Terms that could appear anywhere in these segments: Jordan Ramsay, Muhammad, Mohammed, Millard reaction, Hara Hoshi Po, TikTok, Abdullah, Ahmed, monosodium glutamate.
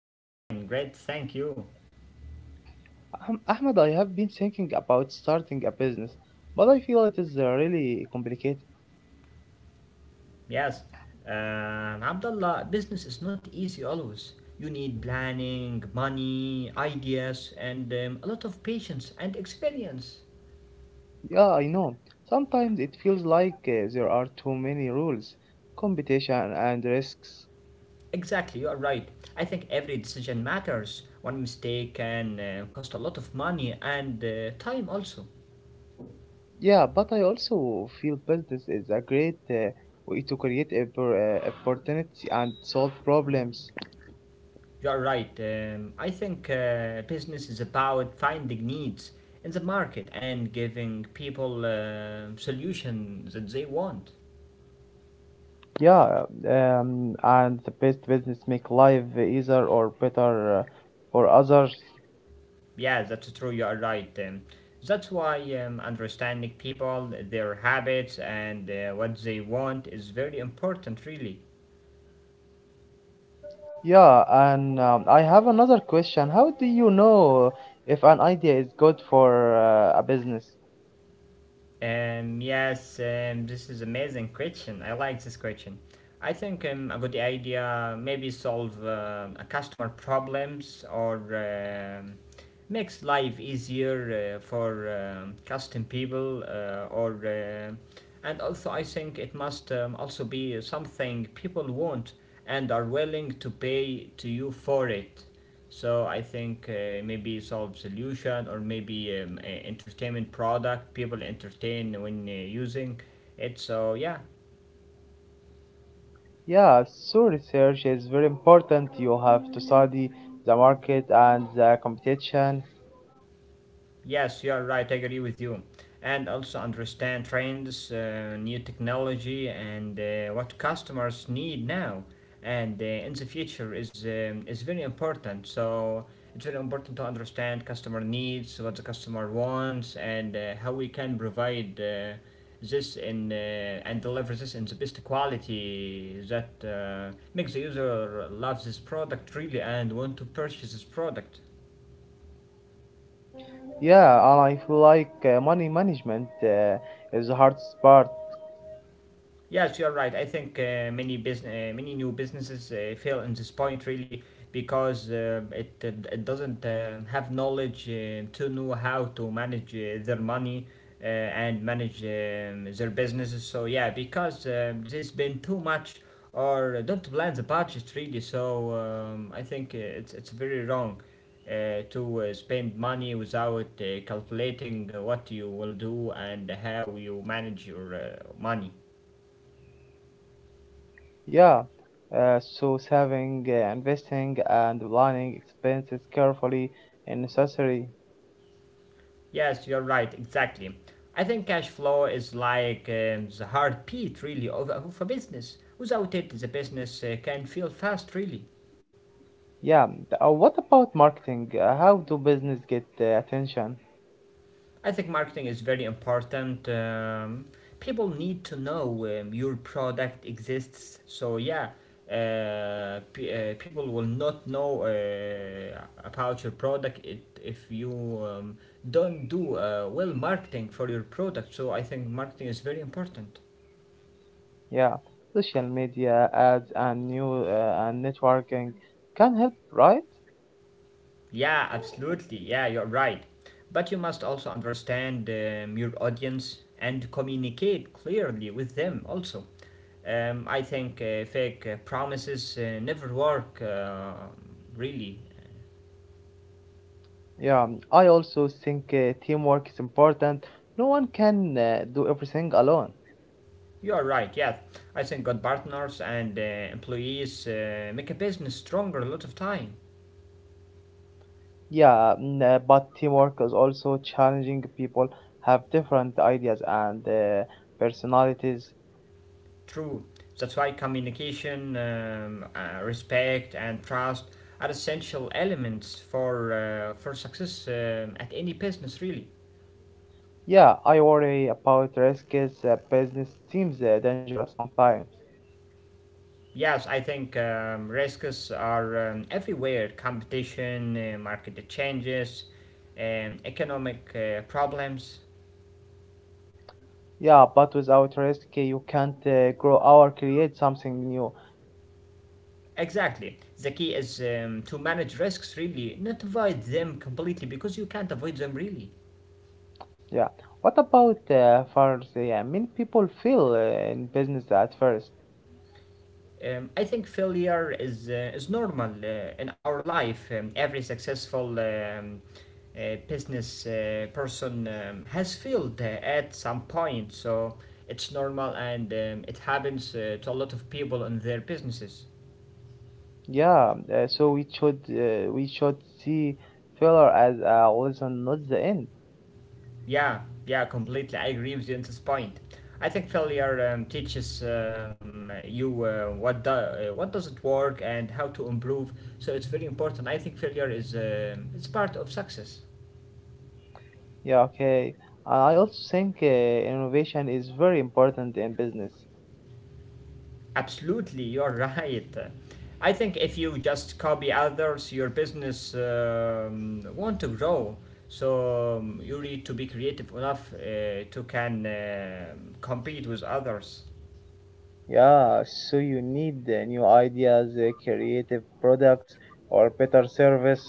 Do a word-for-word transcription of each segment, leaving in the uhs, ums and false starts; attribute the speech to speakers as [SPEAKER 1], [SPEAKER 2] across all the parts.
[SPEAKER 1] I am fine, great, thank you.
[SPEAKER 2] Ahm- Ahmed, I have been thinking about starting a business, but I feel it is uh, really complicated.
[SPEAKER 1] Yes, um, Abdullah, business is not easy always. You need planning, money, ideas, and um, a lot of patience and experience.
[SPEAKER 2] Yeah, I know. Sometimes it feels like uh, there are too many rules, competition, and risks.
[SPEAKER 1] Exactly, you are right. I think every decision matters. One mistake can uh, cost a lot of money and uh, time also.
[SPEAKER 2] Yeah, but I also feel business is a great uh, way to create oppor- uh, opportunity and solve problems.
[SPEAKER 1] You are right. Um, I think uh, business is about finding needs in the market and giving people uh, solutions that they want.
[SPEAKER 2] Yeah, um, and the best business make life easier or better uh, for others.
[SPEAKER 1] Yeah, that's true. You are right. Um, that's why um, understanding people, their habits, and uh, what they want is very important, really.
[SPEAKER 2] Yeah, and um, I have another question. How do you know if an idea is good for uh, a business?
[SPEAKER 1] Um, yes, um, this is amazing question. I like this question. I think um, a good idea maybe solve uh, a customer problems or um makes life easier uh, for um, custom people uh, or um and also I think it must um, also be something people want and are willing to pay to you for it. So I think uh, maybe solve solution or maybe um, entertainment product people entertain when uh, using it. So yeah.
[SPEAKER 2] Yeah, so research is very important. You have to study the market and the competition.
[SPEAKER 1] Yes, you are right. I agree with you. And also understand trends, uh, new technology, and uh, what customers need now and uh, in the future is um, is very important. So it's very important to understand customer needs, what the customer wants, and uh, how we can provide uh, this in uh, and deliver this in the best quality that uh, makes the user love this product really and want to purchase this product.
[SPEAKER 2] Yeah, and I feel like uh, money management uh, is the hardest part.
[SPEAKER 1] Yes, you're right. I think uh, many business, uh, many new businesses uh, fail in this point really because uh, it, it it doesn't um, have knowledge uh, to know how to manage uh, their money uh, and manage um, their businesses. So yeah, because um, there's been too much or don't plan the budget really. So um, I think uh, it's it's very wrong uh, to uh, spend money without uh, calculating uh, what you will do and how you manage your uh, money.
[SPEAKER 2] Yeah, uh, so saving, uh, investing, and planning expenses carefully is necessary.
[SPEAKER 1] Yes, you're right, exactly. I think cash flow is like um, the heartbeat, really, of, uh, of a business. Without it, the business uh, can feel fast, really.
[SPEAKER 2] Yeah, th- uh, what about marketing? Uh, how do business get uh, attention?
[SPEAKER 1] I think marketing is very important. Um, people need to know um, your product exists. So, yeah, uh, pe uh, people will not know uh, about your product it, if you um, don't do uh, well marketing for your product. So, I think marketing is very important.
[SPEAKER 2] Yeah, social media ads and new uh, and networking can help, right?
[SPEAKER 1] Yeah, absolutely. Yeah, you're right. But you must also understand um, your audience and communicate clearly with them also. Um, I think uh, fake uh, promises uh, never work, uh, really.
[SPEAKER 2] Yeah, um, I also think uh, teamwork is important. No one can uh, do everything alone.
[SPEAKER 1] You are right, yeah. I think good partners and uh, employees uh, make a business stronger a lot of time.
[SPEAKER 2] Yeah, mm, uh, but teamwork is also challenging. People have different ideas and uh, personalities.
[SPEAKER 1] True. That's why communication, um, uh, respect, and trust are essential elements for uh, for success um, at any business, really.
[SPEAKER 2] Yeah, I worry about risks. Uh, business seems uh, dangerous sometimes.
[SPEAKER 1] Yes, I think um, risks are um, everywhere: competition, uh, market changes, um, economic uh, problems.
[SPEAKER 2] Yeah, but without risk, uh, you can't uh, grow or create something new.
[SPEAKER 1] Exactly. The key is um, to manage risks, really, not avoid them completely because you can't avoid them, really.
[SPEAKER 2] Yeah. What about uh, for the uh, many people feel uh, in business at first?
[SPEAKER 1] Um, I think failure is uh, is normal uh, in our life. Um, every successful um, uh, business uh, person um, has failed uh, at some point, so it's normal and um, it happens uh, to a lot of people in their businesses.
[SPEAKER 2] Yeah. Uh, so we should uh, we should see failure as a lesson, not the end.
[SPEAKER 1] Yeah, yeah, completely. I agree with you on this point. I think failure um, teaches um, you uh, what do, uh, what doesn't work and how to improve. So it's very important. I think failure is um it's part of success.
[SPEAKER 2] Yeah. Okay. And I also think uh, innovation is very important in business.
[SPEAKER 1] Absolutely, you're right. I think if you just copy others, your business um, won't grow. So um, you need to be creative enough uh, to can uh, compete with others.
[SPEAKER 2] Yeah. So you need uh, new ideas, uh, creative products, or better service.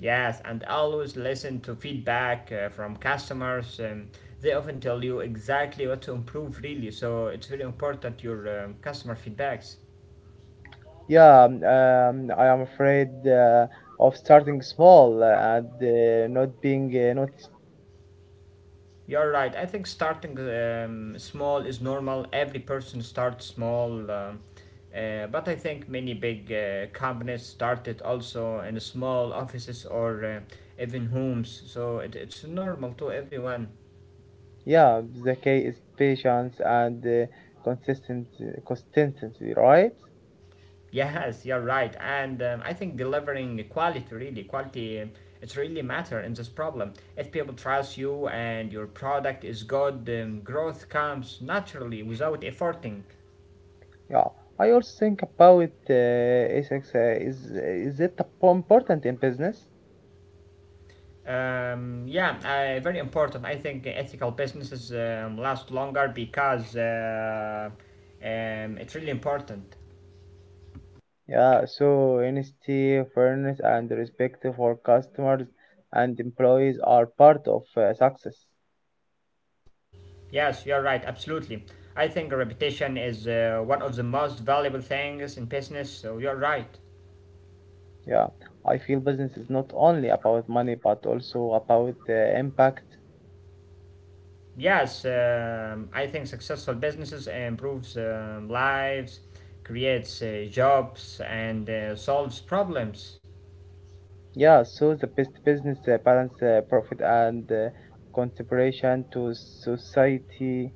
[SPEAKER 1] Yes, and always listen to feedback uh, from customers. Um, they often tell you exactly what to improve, really. So it's very important your um, customer feedbacks.
[SPEAKER 2] Yeah. Um, um, I am afraid uh, of starting small uh, and uh, not being uh, not.
[SPEAKER 1] You're right. I think starting um, small is normal. Every person starts small. Um, uh, but I think many big uh, companies started also in small offices or uh, even homes. So it, it's normal to everyone.
[SPEAKER 2] Yeah, the key is patience and uh, consistent consistency, right?
[SPEAKER 1] Yes, you're right. And um, I think delivering quality, really, quality, it's really matter in this problem. If people trust you and your product is good, um, growth comes naturally without efforting.
[SPEAKER 2] Yeah, I also think about uh, ethics uh, is is it ap- important in business?
[SPEAKER 1] Um, yeah, uh, very important. I think ethical businesses um, last longer because uh, um, it's really important.
[SPEAKER 2] Yeah, so honesty, fairness, and respect for customers and employees are part of uh, success.
[SPEAKER 1] Yes, you're right, absolutely. I think reputation is uh, one of the most valuable things in business, so you're right.
[SPEAKER 2] Yeah, I feel business is not only about money but also about uh, impact.
[SPEAKER 1] Yes, um, I think successful businesses improves um, lives, creates uh, jobs, and uh, solves problems.
[SPEAKER 2] Yeah, so the best business uh, balance uh, profit and uh, contribution to society.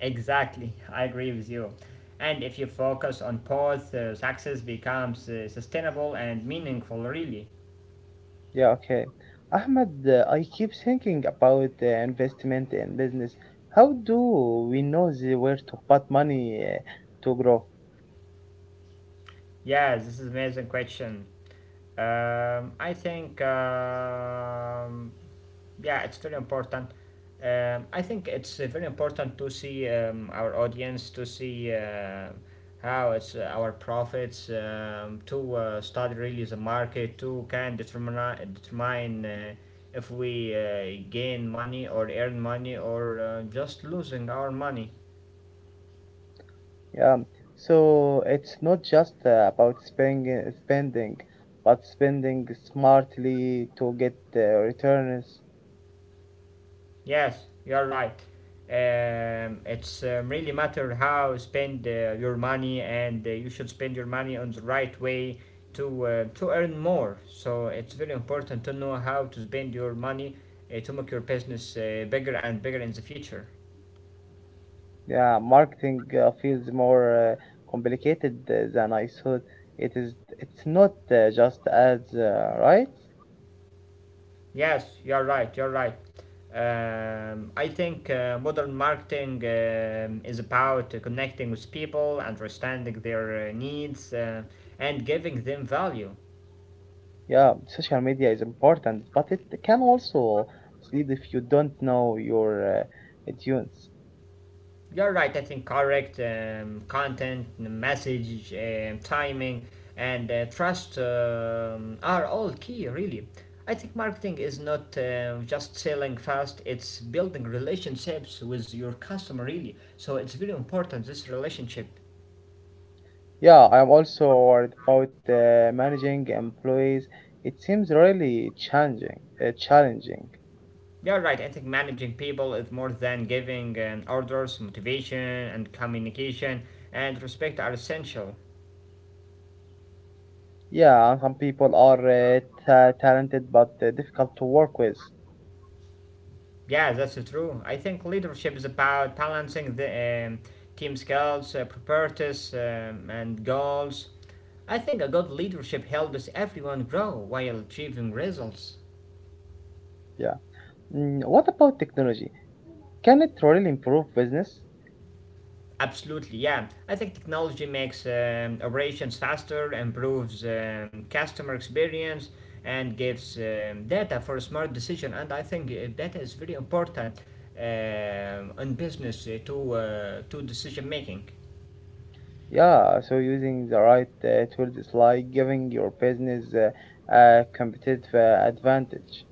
[SPEAKER 1] Exactly, I agree with you. And if you focus on both, uh, success becomes uh, sustainable and meaningful, really.
[SPEAKER 2] Yeah, okay. Ahmed, uh, I keep thinking about uh, investment in business. How do we know the- where to put money uh, to grow?
[SPEAKER 1] Yes, this is amazing question. Um, I think um, yeah it's very important um, i think it's uh, very important to see um, our audience to see uh, how it's uh, our profits um, to uh, study really the market to can determine determine uh, if we uh, gain money or earn money or uh, just losing our money.
[SPEAKER 2] Yeah, so it's not just uh, about spending, spending, but spending smartly to get uh, returns.
[SPEAKER 1] Yes, you're right. Um, it's um, really matter how spend uh, your money, and uh, you should spend your money on the right way to uh, to earn more. So it's very important to know how to spend your money uh, to make your business uh, bigger and bigger in the future.
[SPEAKER 2] Yeah, marketing uh, feels more uh, complicated uh, than I thought. It is. It's not uh, just ads, uh, right?
[SPEAKER 1] Yes, you're right. You're right. Um, I think uh, modern marketing um, is about uh, connecting with people, understanding their uh, needs, uh, and giving them value.
[SPEAKER 2] Yeah, social media is important, but it can also mislead if you don't know your uh, audience.
[SPEAKER 1] You're right, I think correct um, content, message, um, timing, and uh, trust um, are all key, really. I think marketing is not uh, just selling fast, it's building relationships with your customer, really. So it's very important, this relationship.
[SPEAKER 2] Yeah, I'm also worried about uh, managing employees. It seems really challenging. Uh, challenging.
[SPEAKER 1] You're right, I think managing people is more than giving um, orders, motivation, and communication and respect are essential.
[SPEAKER 2] Yeah, and some people are uh, ta- talented but uh, difficult to work with.
[SPEAKER 1] Yeah, that's true. I think leadership is about balancing the um, team skills, uh, priorities, um, and goals. I think a good leadership helps everyone grow while achieving results.
[SPEAKER 2] Yeah. Mm, what about technology? Can it really improve business?
[SPEAKER 1] Absolutely, yeah. I think technology makes um, operations faster, improves um, customer experience, and gives um, data for smart decision. And I think uh, data is very important um in business uh, to uh, to decision making.
[SPEAKER 2] Yeah, so using the right uh, tools is like giving your business uh, a competitive uh, advantage.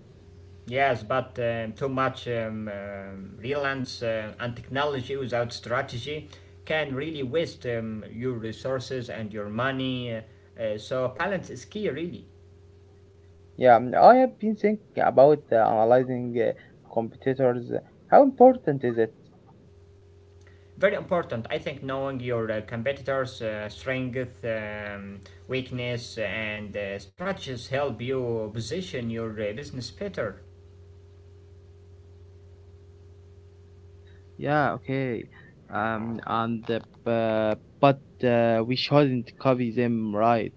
[SPEAKER 1] Yes, but um, too much um, um, reliance uh, on technology without strategy can really waste um, your resources and your money. Uh, uh, so balance is key, really.
[SPEAKER 2] Yeah, mm, I have been thinking about uh, analyzing uh, competitors. How important is it?
[SPEAKER 1] Very important. I think knowing your uh, competitors' uh, strength, um, weakness, and uh, strategies help you position your uh, business better.
[SPEAKER 2] Yeah, okay. Um, and the, uh, bu- but uh, we shouldn't copy them, right?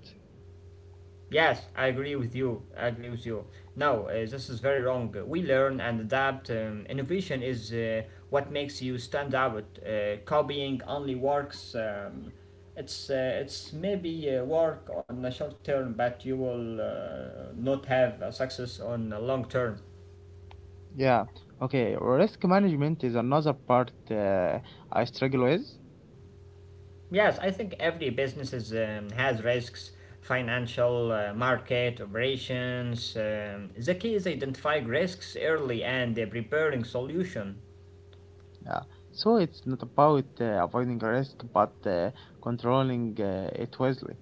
[SPEAKER 1] Yes, I agree with you. I agree with you. No, uh, this is very wrong. We learn and adapt. Um, innovation is uh, what makes you stand out. Uh, copying only works. Um, it's uh, it's maybe uh, work on a short term, but you will uh, not have a success on a long term.
[SPEAKER 2] Yeah, okay. Risk management is another part uh, I struggle with.
[SPEAKER 1] Yes, I think every business is, um, has risks, financial, uh, market, operations. Um, the key is identifying risks early and uh, preparing solution.
[SPEAKER 2] Yeah. So it's not about uh, avoiding risk, but uh, controlling uh, it wisely.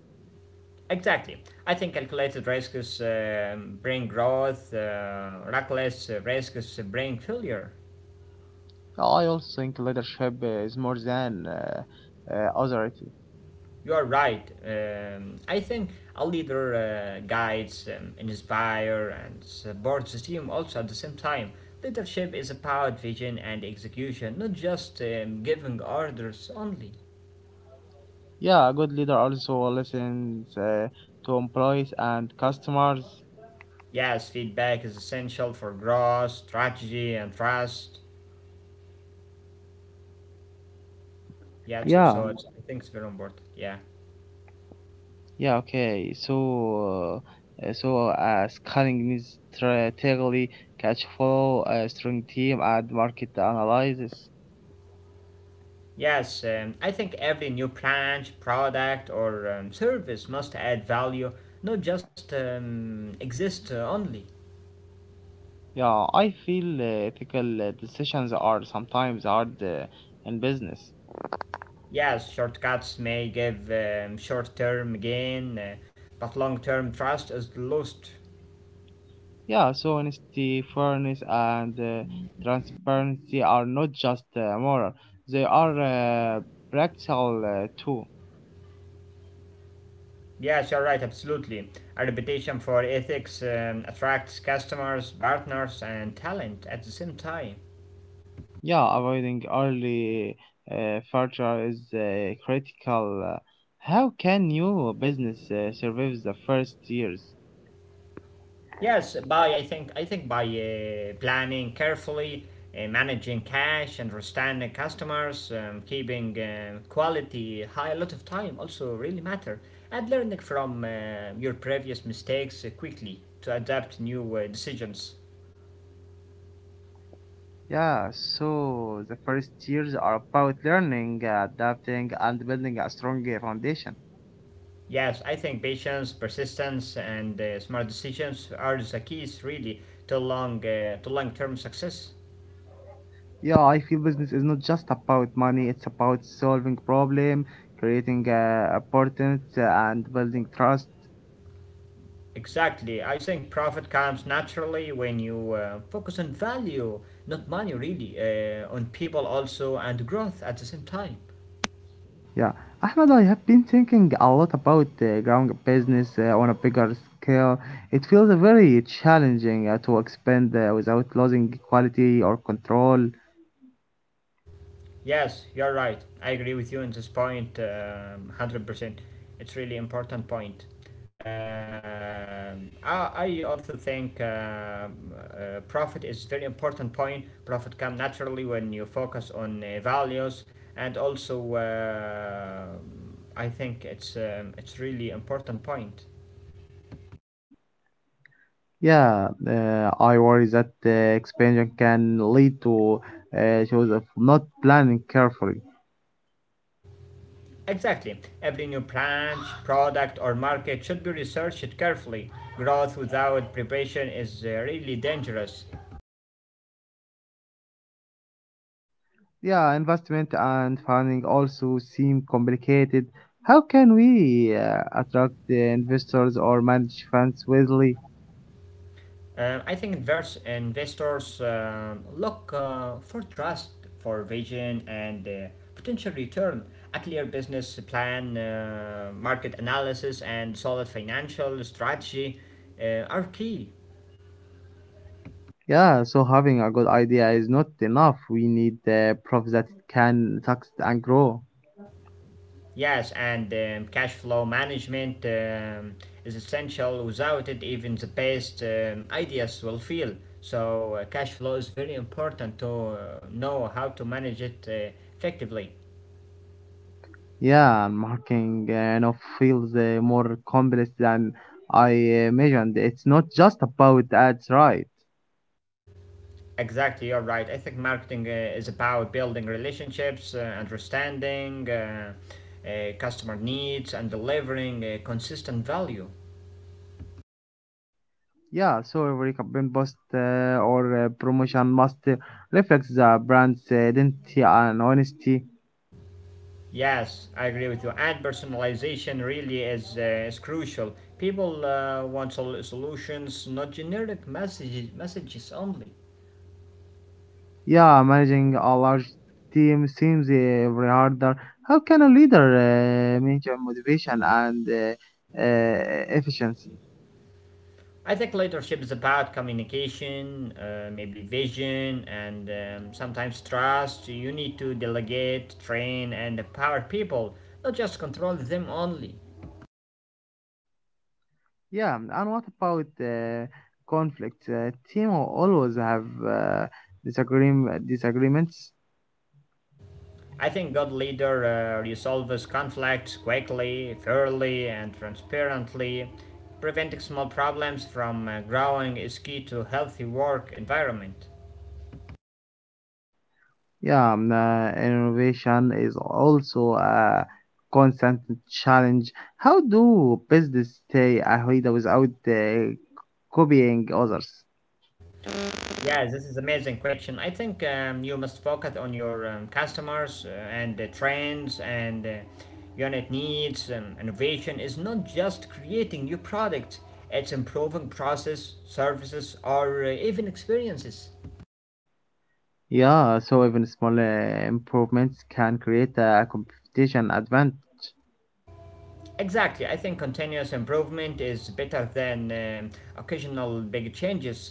[SPEAKER 1] Exactly. I think calculated risks uh, bring growth, uh, reckless risks bring failure.
[SPEAKER 2] I also think leadership is more than uh, uh, authority.
[SPEAKER 1] You are right. Um, I think a leader uh, guides, um, inspires, and supports the team also at the same time. Leadership is about vision and execution, not just um, giving orders only.
[SPEAKER 2] Yeah, a good leader also listens uh, to employees and customers.
[SPEAKER 1] Yes, feedback is essential for growth, strategy, and trust. Yeah, so,
[SPEAKER 2] Yeah,
[SPEAKER 1] so it's, I think it's very important. Yeah.
[SPEAKER 2] yeah, okay. So, uh, uh, so uh, scanning needs strategically catch follow uh, strong team, and market analysis.
[SPEAKER 1] Yes, um, I think every new branch, product, or um, service must add value, not just um, exist uh, only.
[SPEAKER 2] Yeah, I feel uh, ethical uh, decisions are sometimes hard uh, in business.
[SPEAKER 1] Yes, shortcuts may give um, short term gain, uh, but long term trust is lost.
[SPEAKER 2] Yeah, so honesty, fairness, and uh, transparency are not just uh, moral; they are uh, practical uh, too.
[SPEAKER 1] Yes, you're right, absolutely. A reputation for ethics um, attracts customers, partners, and talent at the same time.
[SPEAKER 2] Yeah, avoiding early uh, failure is uh, critical. Uh, How can new business uh, survive the first years?
[SPEAKER 1] Yes, by I think I think by uh, planning carefully, uh, managing cash, understanding customers, um, keeping um, quality high, a lot of time also really matter, and learning from uh, your previous mistakes uh, quickly to adapt new uh, decisions.
[SPEAKER 2] Yeah, so the first years are about learning, uh, adapting, and building a strong uh, foundation.
[SPEAKER 1] Yes, I think patience, persistence, and uh, smart decisions are the keys really to long uh, to long term success.
[SPEAKER 2] Yeah, I feel business is not just about money; it's about solving problem, creating uh, importance, uh, and building trust.
[SPEAKER 1] Exactly. I think profit comes naturally when you uh, focus on value, not money really, uh, on people also and growth at the same time.
[SPEAKER 2] Yeah, Ahmed, I have been thinking a lot about uh, growing a business uh, on a bigger scale. It feels uh, very challenging uh, to expand uh, without losing quality or control.
[SPEAKER 1] Yes, you're right. I agree with you on this point, um, one hundred percent. It's really important point. Um, I, I also think um, uh, profit is very important point. Profit come naturally when you focus on uh, values, and also uh, I think it's um, it's really important point.
[SPEAKER 2] Yeah, uh, I worry that uh, expansion can lead to uh, shows of not planning carefully.
[SPEAKER 1] Exactly. Every new branch, product, or market should be researched carefully. Growth without preparation is uh, really dangerous.
[SPEAKER 2] Yeah, investment and funding also seem complicated. How can we uh, attract the investors or manage funds wisely?
[SPEAKER 1] Um, I think invers- investors um, look uh, for trust, for vision, and uh, potential return, a clear business plan, uh, market analysis, and solid financial strategy uh, are key.
[SPEAKER 2] Yeah, so having a good idea is not enough. We need the proof that it can succeed and grow.
[SPEAKER 1] Yes, and um, cash flow management um, is essential. Without it, even the best um, ideas will fail. So, uh, cash flow is very important to uh, know how to manage it uh, effectively.
[SPEAKER 2] Yeah, and marking uh, you feels uh, more complex than I imagined. It's not just about ads, right?
[SPEAKER 1] Exactly, you're right. I think marketing uh, is about building relationships, uh, understanding uh, uh, customer needs, and delivering uh, consistent value.
[SPEAKER 2] Yeah, so every campaign post uh, or uh, promotion must uh, reflect the brand's uh, identity and honesty.
[SPEAKER 1] Yes, I agree with you. And personalization really is, uh, is crucial. People uh, want sol- solutions, not generic messages, messages only.
[SPEAKER 2] Yeah, managing a large team seems uh, very harder. How can a leader uh, maintain motivation and uh, uh, efficiency?
[SPEAKER 1] I think leadership is about communication, uh, maybe vision, and um, sometimes trust. You need to delegate, train, and empower people, not just control them only.
[SPEAKER 2] Yeah, and what about uh, conflict? Uh, team will always have uh, disagreem- disagreements.
[SPEAKER 1] I think good leader uh, resolves conflicts quickly, fairly, and transparently. Preventing small problems from uh, growing is key to a healthy work environment.
[SPEAKER 2] Yeah, um, uh, innovation is also a constant challenge. How do business stay ahead without uh, copying others?
[SPEAKER 1] Yeah, this is amazing question. I think um, you must focus on your um, customers uh, and the trends and uh, unit needs. Um, innovation is not just creating new products; it's improving process, services, or uh, even experiences.
[SPEAKER 2] Yeah, so even small uh, improvements can create a competition advantage.
[SPEAKER 1] Exactly. I think continuous improvement is better than um occasional big changes.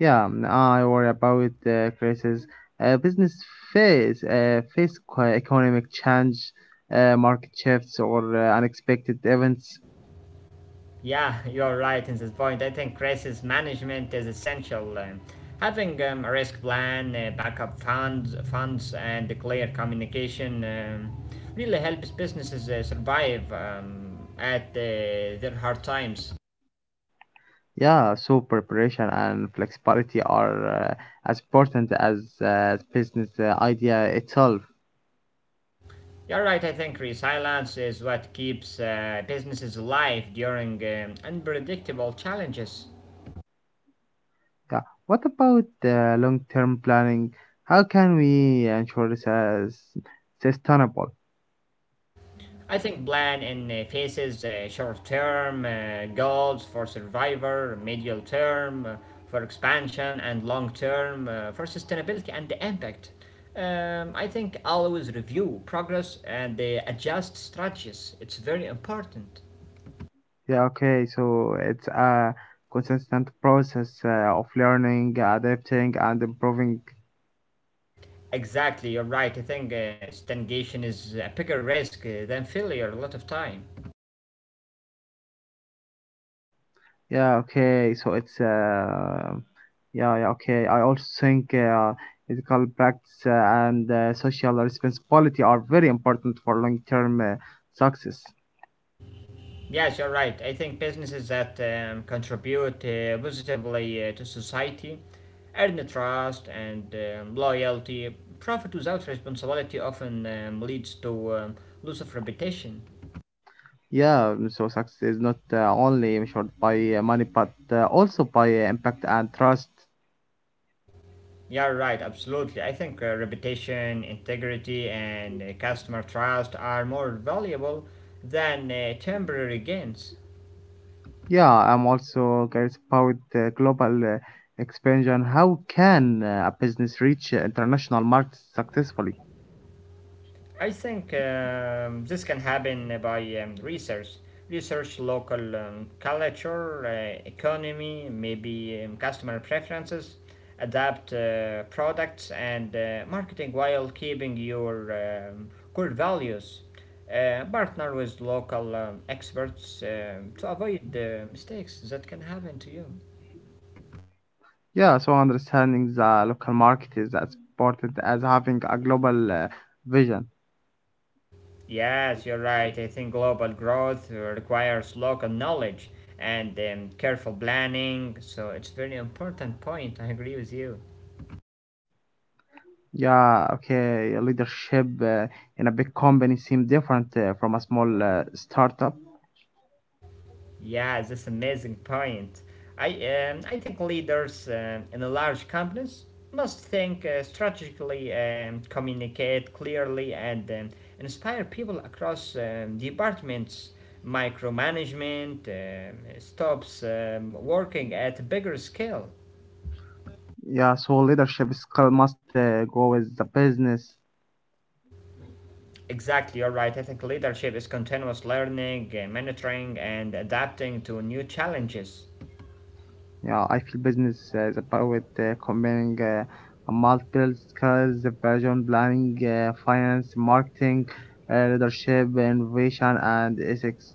[SPEAKER 2] Yeah, mm, I worry about uh, crisis. Uh, business face uh, face co- economic change, uh, market shifts, or uh, unexpected events.
[SPEAKER 1] Yeah, you're right in this point. I think crisis management is essential. Um, having um, a risk plan, uh, backup funds, funds, and clear communication um, really helps businesses uh, survive um, at uh, their hard times.
[SPEAKER 2] Yeah, so preparation and flexibility are uh, as important as uh, business uh, idea itself.
[SPEAKER 1] You're right. I think resilience is what keeps uh, businesses alive during um, unpredictable challenges.
[SPEAKER 2] Yeah. What about uh, long-term planning? How can we ensure this is sustainable?
[SPEAKER 1] I think plan in uh, faces uh, short-term uh, goals for survivor, medium term uh, for expansion, and long-term uh, for sustainability and the impact. Um, I think always review progress and uh, adjust strategies. It's very important.
[SPEAKER 2] Yeah, okay, so it's a consistent process uh, of learning, adapting, and improving.
[SPEAKER 1] Exactly, you're right. I think uh, stagnation is a bigger risk uh, than failure a lot of time.
[SPEAKER 2] Yeah, okay, so it's uh, yeah, yeah, okay. I also think uh, ethical practice uh, and uh, social responsibility are very important for long-term uh, success.
[SPEAKER 1] Yes, you're right. I think businesses that um, contribute uh, positively uh, to society earn the trust and um, loyalty. Profit without responsibility often um, leads to um, loss of reputation.
[SPEAKER 2] Yeah, mm, so success is not uh, only measured by uh, money but uh, also by uh, impact and trust.
[SPEAKER 1] You're right, absolutely. I think uh, reputation, integrity, and uh, customer trust are more valuable than uh, temporary gains.
[SPEAKER 2] Yeah, I'm also curious about uh, global uh, expansion. How can uh, a business reach uh, international markets successfully?
[SPEAKER 1] I think um, this can happen by um, research. Research local um, culture, uh, economy, maybe um, customer preferences, adapt uh, products and uh, marketing while keeping your um, core values. Uh, partner with local um, experts um, to avoid the mistakes that can happen to you.
[SPEAKER 2] Yeah, so understanding the local market is as important as having a global uh, vision.
[SPEAKER 1] Yes, you're right. I think global growth uh, requires local knowledge and um, careful planning. So it's very important point. I agree with you.
[SPEAKER 2] Yeah, okay. Leadership uh, in a big company seem different uh, from a small uh, startup.
[SPEAKER 1] Yeah, that's amazing point. I um, I think leaders um in the large companies must think uh, strategically, um, communicate clearly, and um, inspire people across um, departments. Micromanagement um, stops um, working at a bigger scale.
[SPEAKER 2] Yeah, so leadership skill must uh, go with the business.
[SPEAKER 1] Exactly, you're right. I think leadership is continuous learning, uh, mentoring, and adapting to new challenges.
[SPEAKER 2] Yeah, I feel business uh, is about uh, combining uh, multiple skills, the vision, planning, uh, finance, marketing, uh, leadership, innovation, and ethics.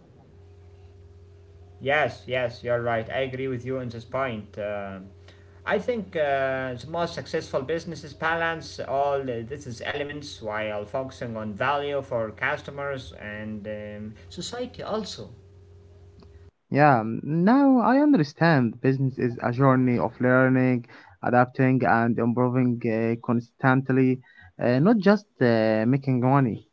[SPEAKER 1] Yes, yes, you're right. I agree with you on this point. Uh, I think uh, the most successful businesses balance all uh, this is elements while focusing on value for customers and um, society also.
[SPEAKER 2] Yeah, n- now I understand business is a journey of learning, adapting, and improving uh, constantly, uh, not just uh, making money.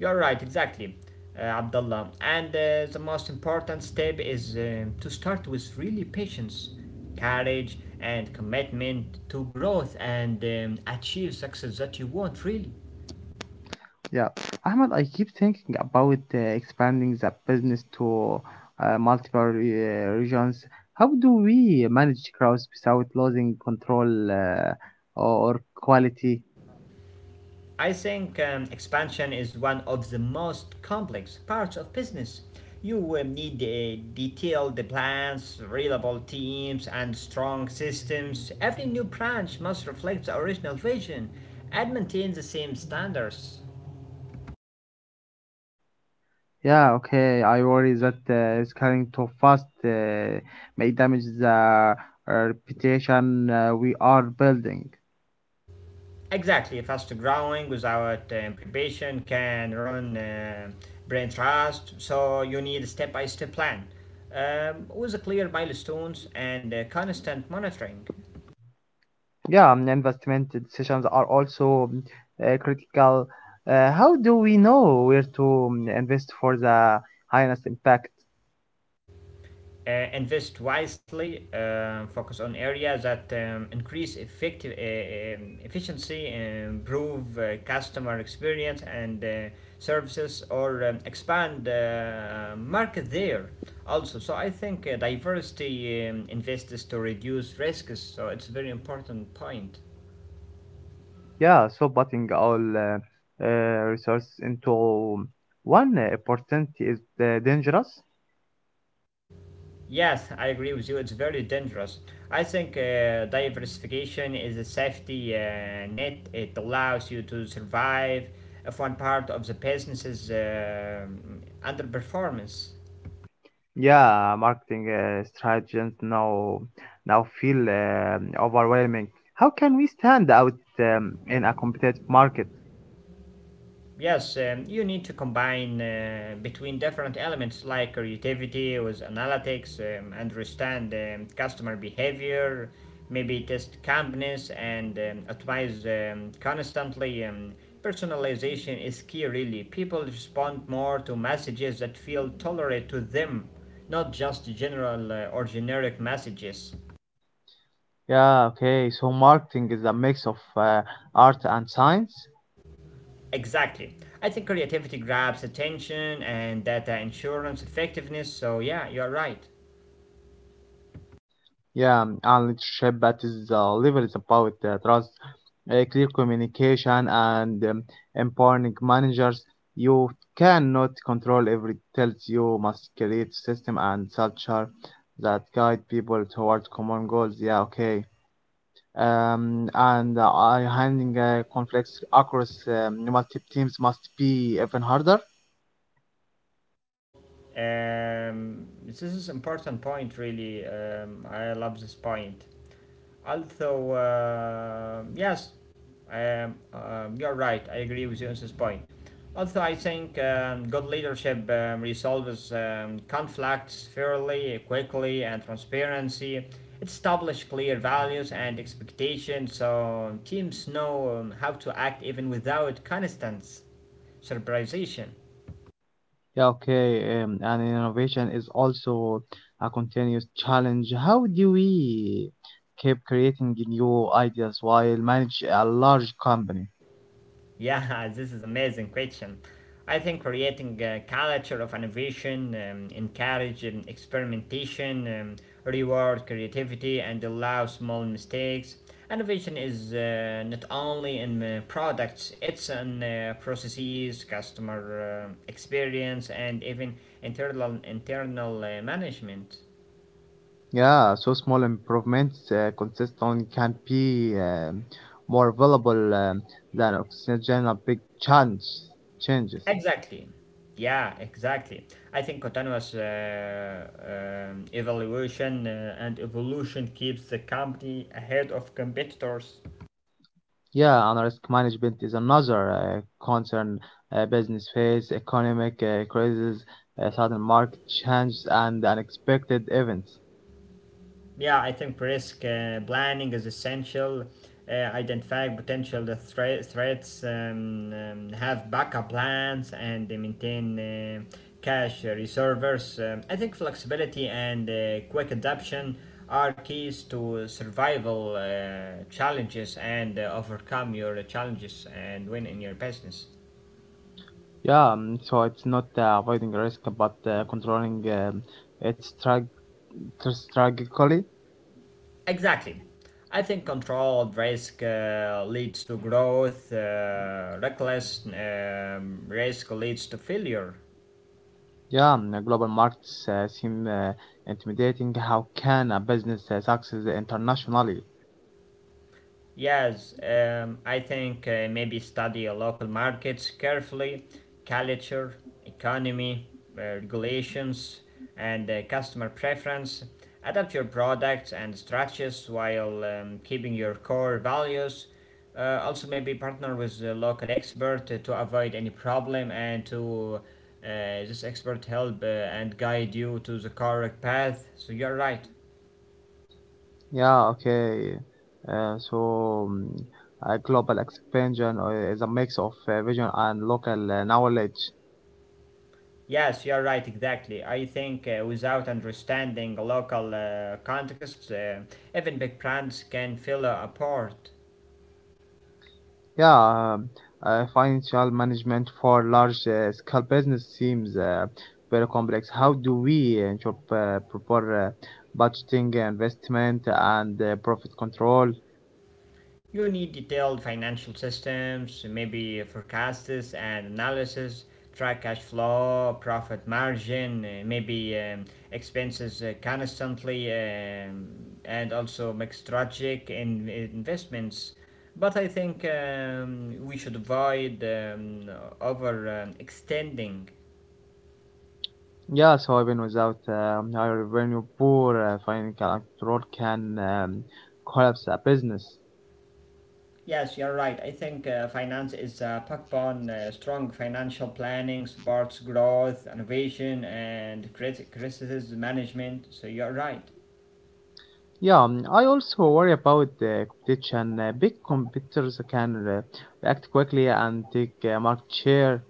[SPEAKER 1] You're right, exactly, uh, Abdullah. And uh, the most important step is um, to start with really patience, courage, and commitment to growth and um, achieve success that you want, really.
[SPEAKER 2] Yeah, Ahmed, I keep thinking about uh, expanding the business to uh, multiple re- uh, regions. How do we manage crowds without losing control uh, or quality?
[SPEAKER 1] I think um, expansion is one of the most complex parts of business. You um, need uh, detailed plans, reliable teams, and strong systems. Every new branch must reflect the original vision and maintain the same standards.
[SPEAKER 2] Yeah, okay. I worry that uh, scaling too fast uh, may damage the uh, reputation uh, we are building.
[SPEAKER 1] Exactly, fast growing without um, preparation can ruin uh, brain trust, so you need a step by step plan um, with clear milestones and uh, constant monitoring.
[SPEAKER 2] Yeah, and investment decisions are also mm, uh, critical. Uh, how do we know where to mm, invest for the highest impact?
[SPEAKER 1] Uh, invest wisely, uh, focus on areas that um, increase effective uh, um, efficiency, uh, improve uh, customer experience and uh, services, or um, expand the uh, market there. Also, so I think uh, diversity um, invests to reduce risks. So it's a very important point.
[SPEAKER 2] Yeah, so putting all uh, uh, resources into one uh, opportunity is uh, dangerous.
[SPEAKER 1] Yes, I agree with you. It's very dangerous. I think uh, diversification is a safety uh, net. It allows you to survive if one part of the business is um underperformance.
[SPEAKER 2] Yeah, marketing uh, strategies now now feel um overwhelming. How can we stand out um, in a competitive market?
[SPEAKER 1] Yes, um, you need to combine uh, between different elements like creativity with analytics, um, understand um, customer behavior, maybe test companies and um, optimize um, constantly. Um, personalization is key, really. People respond more to messages that feel tolerate to them, not just general uh, or generic messages.
[SPEAKER 2] Yeah, okay. So marketing is a mix of uh, art and science.
[SPEAKER 1] Exactly. I think creativity grabs attention and data insurance effectiveness, so yeah, you are right.
[SPEAKER 2] Yeah, um, and leadership at this uh, level is about uh, trust, uh, clear communication, and um, empowering managers. You cannot control every details. You must create system and culture that guide people towards common goals. Yeah, okay. um, and uh, Handling uh, conflicts across um, multiple teams must be even harder.
[SPEAKER 1] Um, this is an important point really. Um, I love this point. Although uh, yes, um, um, you're right. I agree with you on this point. Also, I think um, good leadership um, resolves um, conflicts fairly, quickly, and transparency. It establishes clear values and expectations, so teams know um, how to act even without constant supervision.
[SPEAKER 2] Yeah, okay. Um, and innovation is also a continuous challenge. How do we keep creating new ideas while manage a large company?
[SPEAKER 1] Yeah, this is amazing question. I think creating a culture of innovation, um, encourage um, experimentation, um, reward creativity, and allow small mistakes. Innovation is uh, not only in uh, products; it's in uh, processes, customer uh, experience, and even internal internal uh, management.
[SPEAKER 2] Yeah, so small improvements uh, consistently can be um, more valuable um, than oxygen a big challenge changes.
[SPEAKER 1] Exactly. Yeah, exactly. I think continuous uh, um, evaluation uh, and evolution keeps the company ahead of competitors.
[SPEAKER 2] Yeah, and risk management is another uh, concern. Uh, business face, economic uh, crisis, uh, sudden market changes, and unexpected events.
[SPEAKER 1] Yeah, I think risk uh, planning is essential. Uh, identifying potential thre- threats, um, um, have backup plans, and uh, maintain uh, cash reserves. Um, I think flexibility and uh, quick adaptation are keys to survival uh, challenges and uh, overcome your challenges and win in your business.
[SPEAKER 2] Yeah, um, so it's not uh, avoiding risk, but uh, controlling um, it strag- strategically.
[SPEAKER 1] Exactly. I think controlled risk uh, leads to growth, uh, reckless um, risk leads to failure.
[SPEAKER 2] Yeah, um, the global markets uh, seem uh, intimidating. How can a business uh, succeed internationally?
[SPEAKER 1] Yes, um, I think uh, maybe study local markets carefully, culture, economy, uh, regulations, and uh, customer preference. Adapt your products and strategies while um, keeping your core values. Uh, also, maybe partner with a local expert to, to avoid any problem and to uh, this expert help uh, and guide you to the correct path. So you're right.
[SPEAKER 2] Yeah, okay. Uh, so mm, uh, global expansion uh, is a mix of uh, vision and local uh, knowledge.
[SPEAKER 1] Yes, you're right, exactly. I think uh, without understanding local uh, context, uh, even big brands can feel uh, apart.
[SPEAKER 2] Yeah, um, uh, financial management for large uh, scale business seems uh, very complex. How do we ensure uh, proper uh, budgeting, investment, and uh, profit control?
[SPEAKER 1] You need detailed financial systems, maybe forecasts and analysis, track cash flow, profit margin, uh, maybe um, expenses uh, constantly, um, and also make strategic in- investments. But I think um, we should avoid um, over um, extending.
[SPEAKER 2] Yeah, so even without um, high revenue, poor uh, financial control can um, collapse a business.
[SPEAKER 1] Yes, you're right. I think uh, finance is uh, backbone, uh, strong financial planning supports growth, innovation, and crit- crisis management. So you're right.
[SPEAKER 2] Yeah, um, I also worry about uh, competition. Uh, big competitors can uh, react quickly and take uh, market share.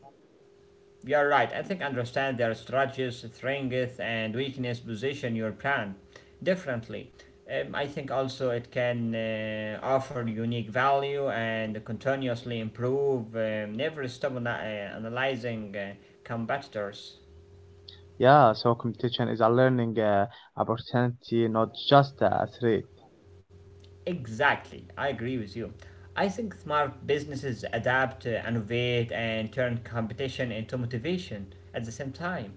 [SPEAKER 1] You're right. I think understand their strategies, strength, and weakness position your brand differently. Um, I think also it can uh, offer unique value and continuously improve. Um, never stop ana- uh, analyzing uh, competitors.
[SPEAKER 2] Yeah, so competition is a learning uh, opportunity, not just a threat.
[SPEAKER 1] Exactly, I agree with you. I think smart businesses adapt, uh, innovate, and turn competition into motivation at the same time.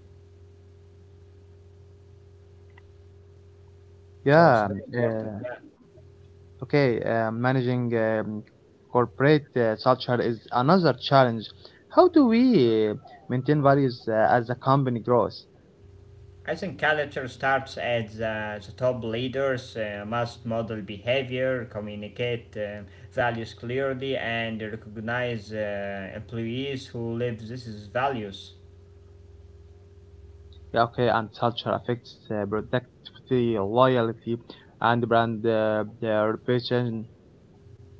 [SPEAKER 1] So it's
[SPEAKER 2] Yeah, um,
[SPEAKER 1] very
[SPEAKER 2] uh,
[SPEAKER 1] important. Yeah,
[SPEAKER 2] okay, uh, managing um, corporate uh, culture is another challenge. How do we uh, maintain values uh, as the company grows?
[SPEAKER 1] I think culture starts at the, the top leaders uh, must model behavior, communicate uh, values clearly, and recognize uh, employees who live these values.
[SPEAKER 2] Yeah, okay, and culture affects uh, productivity, loyalty, and brand uh, the reputation.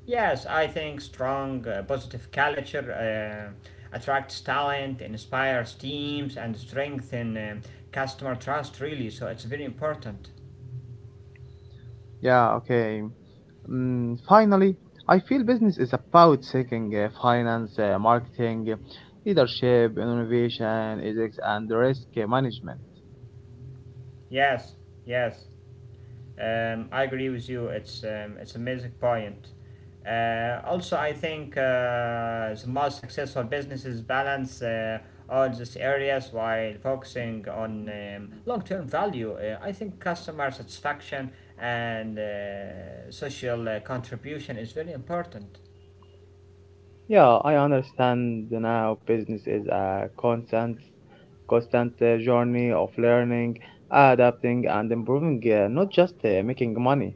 [SPEAKER 1] Yes, I think strong, uh, positive culture uh, attracts talent, inspires teams, and strengthens um customer trust, really. So it's very important.
[SPEAKER 2] Yeah, okay. Mm, finally, I feel business is about seeking uh, finance, uh, marketing, uh, leadership, innovation, ethics, and risk uh, management.
[SPEAKER 1] Yes, yes. Um, I agree with you. It's um, it's an amazing point. Uh, also, I think uh, the most successful businesses balance uh, all these areas while focusing on um, long-term value. Uh, I think customer satisfaction and uh, social uh, contribution is very important.
[SPEAKER 2] Yeah, I understand now business is a constant constant uh, journey of learning, adapting and improving, uh, not just uh, making money.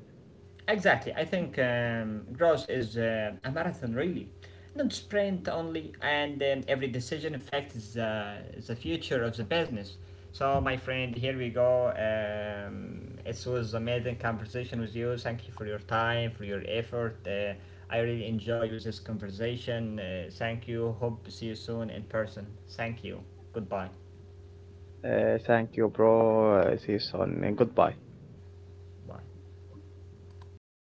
[SPEAKER 1] Exactly. I think um, growth is uh, a marathon, really, not sprint only. And um, every decision affects the, the future of the business. So, my friend, here we go. Um, it was amazing conversation with you. Thank you for your time, for your effort. Uh, I really enjoy with this conversation. Uh, thank you. Hope to see you soon in person. Thank you. Goodbye.
[SPEAKER 2] Uh, thank you, bro. Uh, see you soon. Goodbye.
[SPEAKER 1] Bye.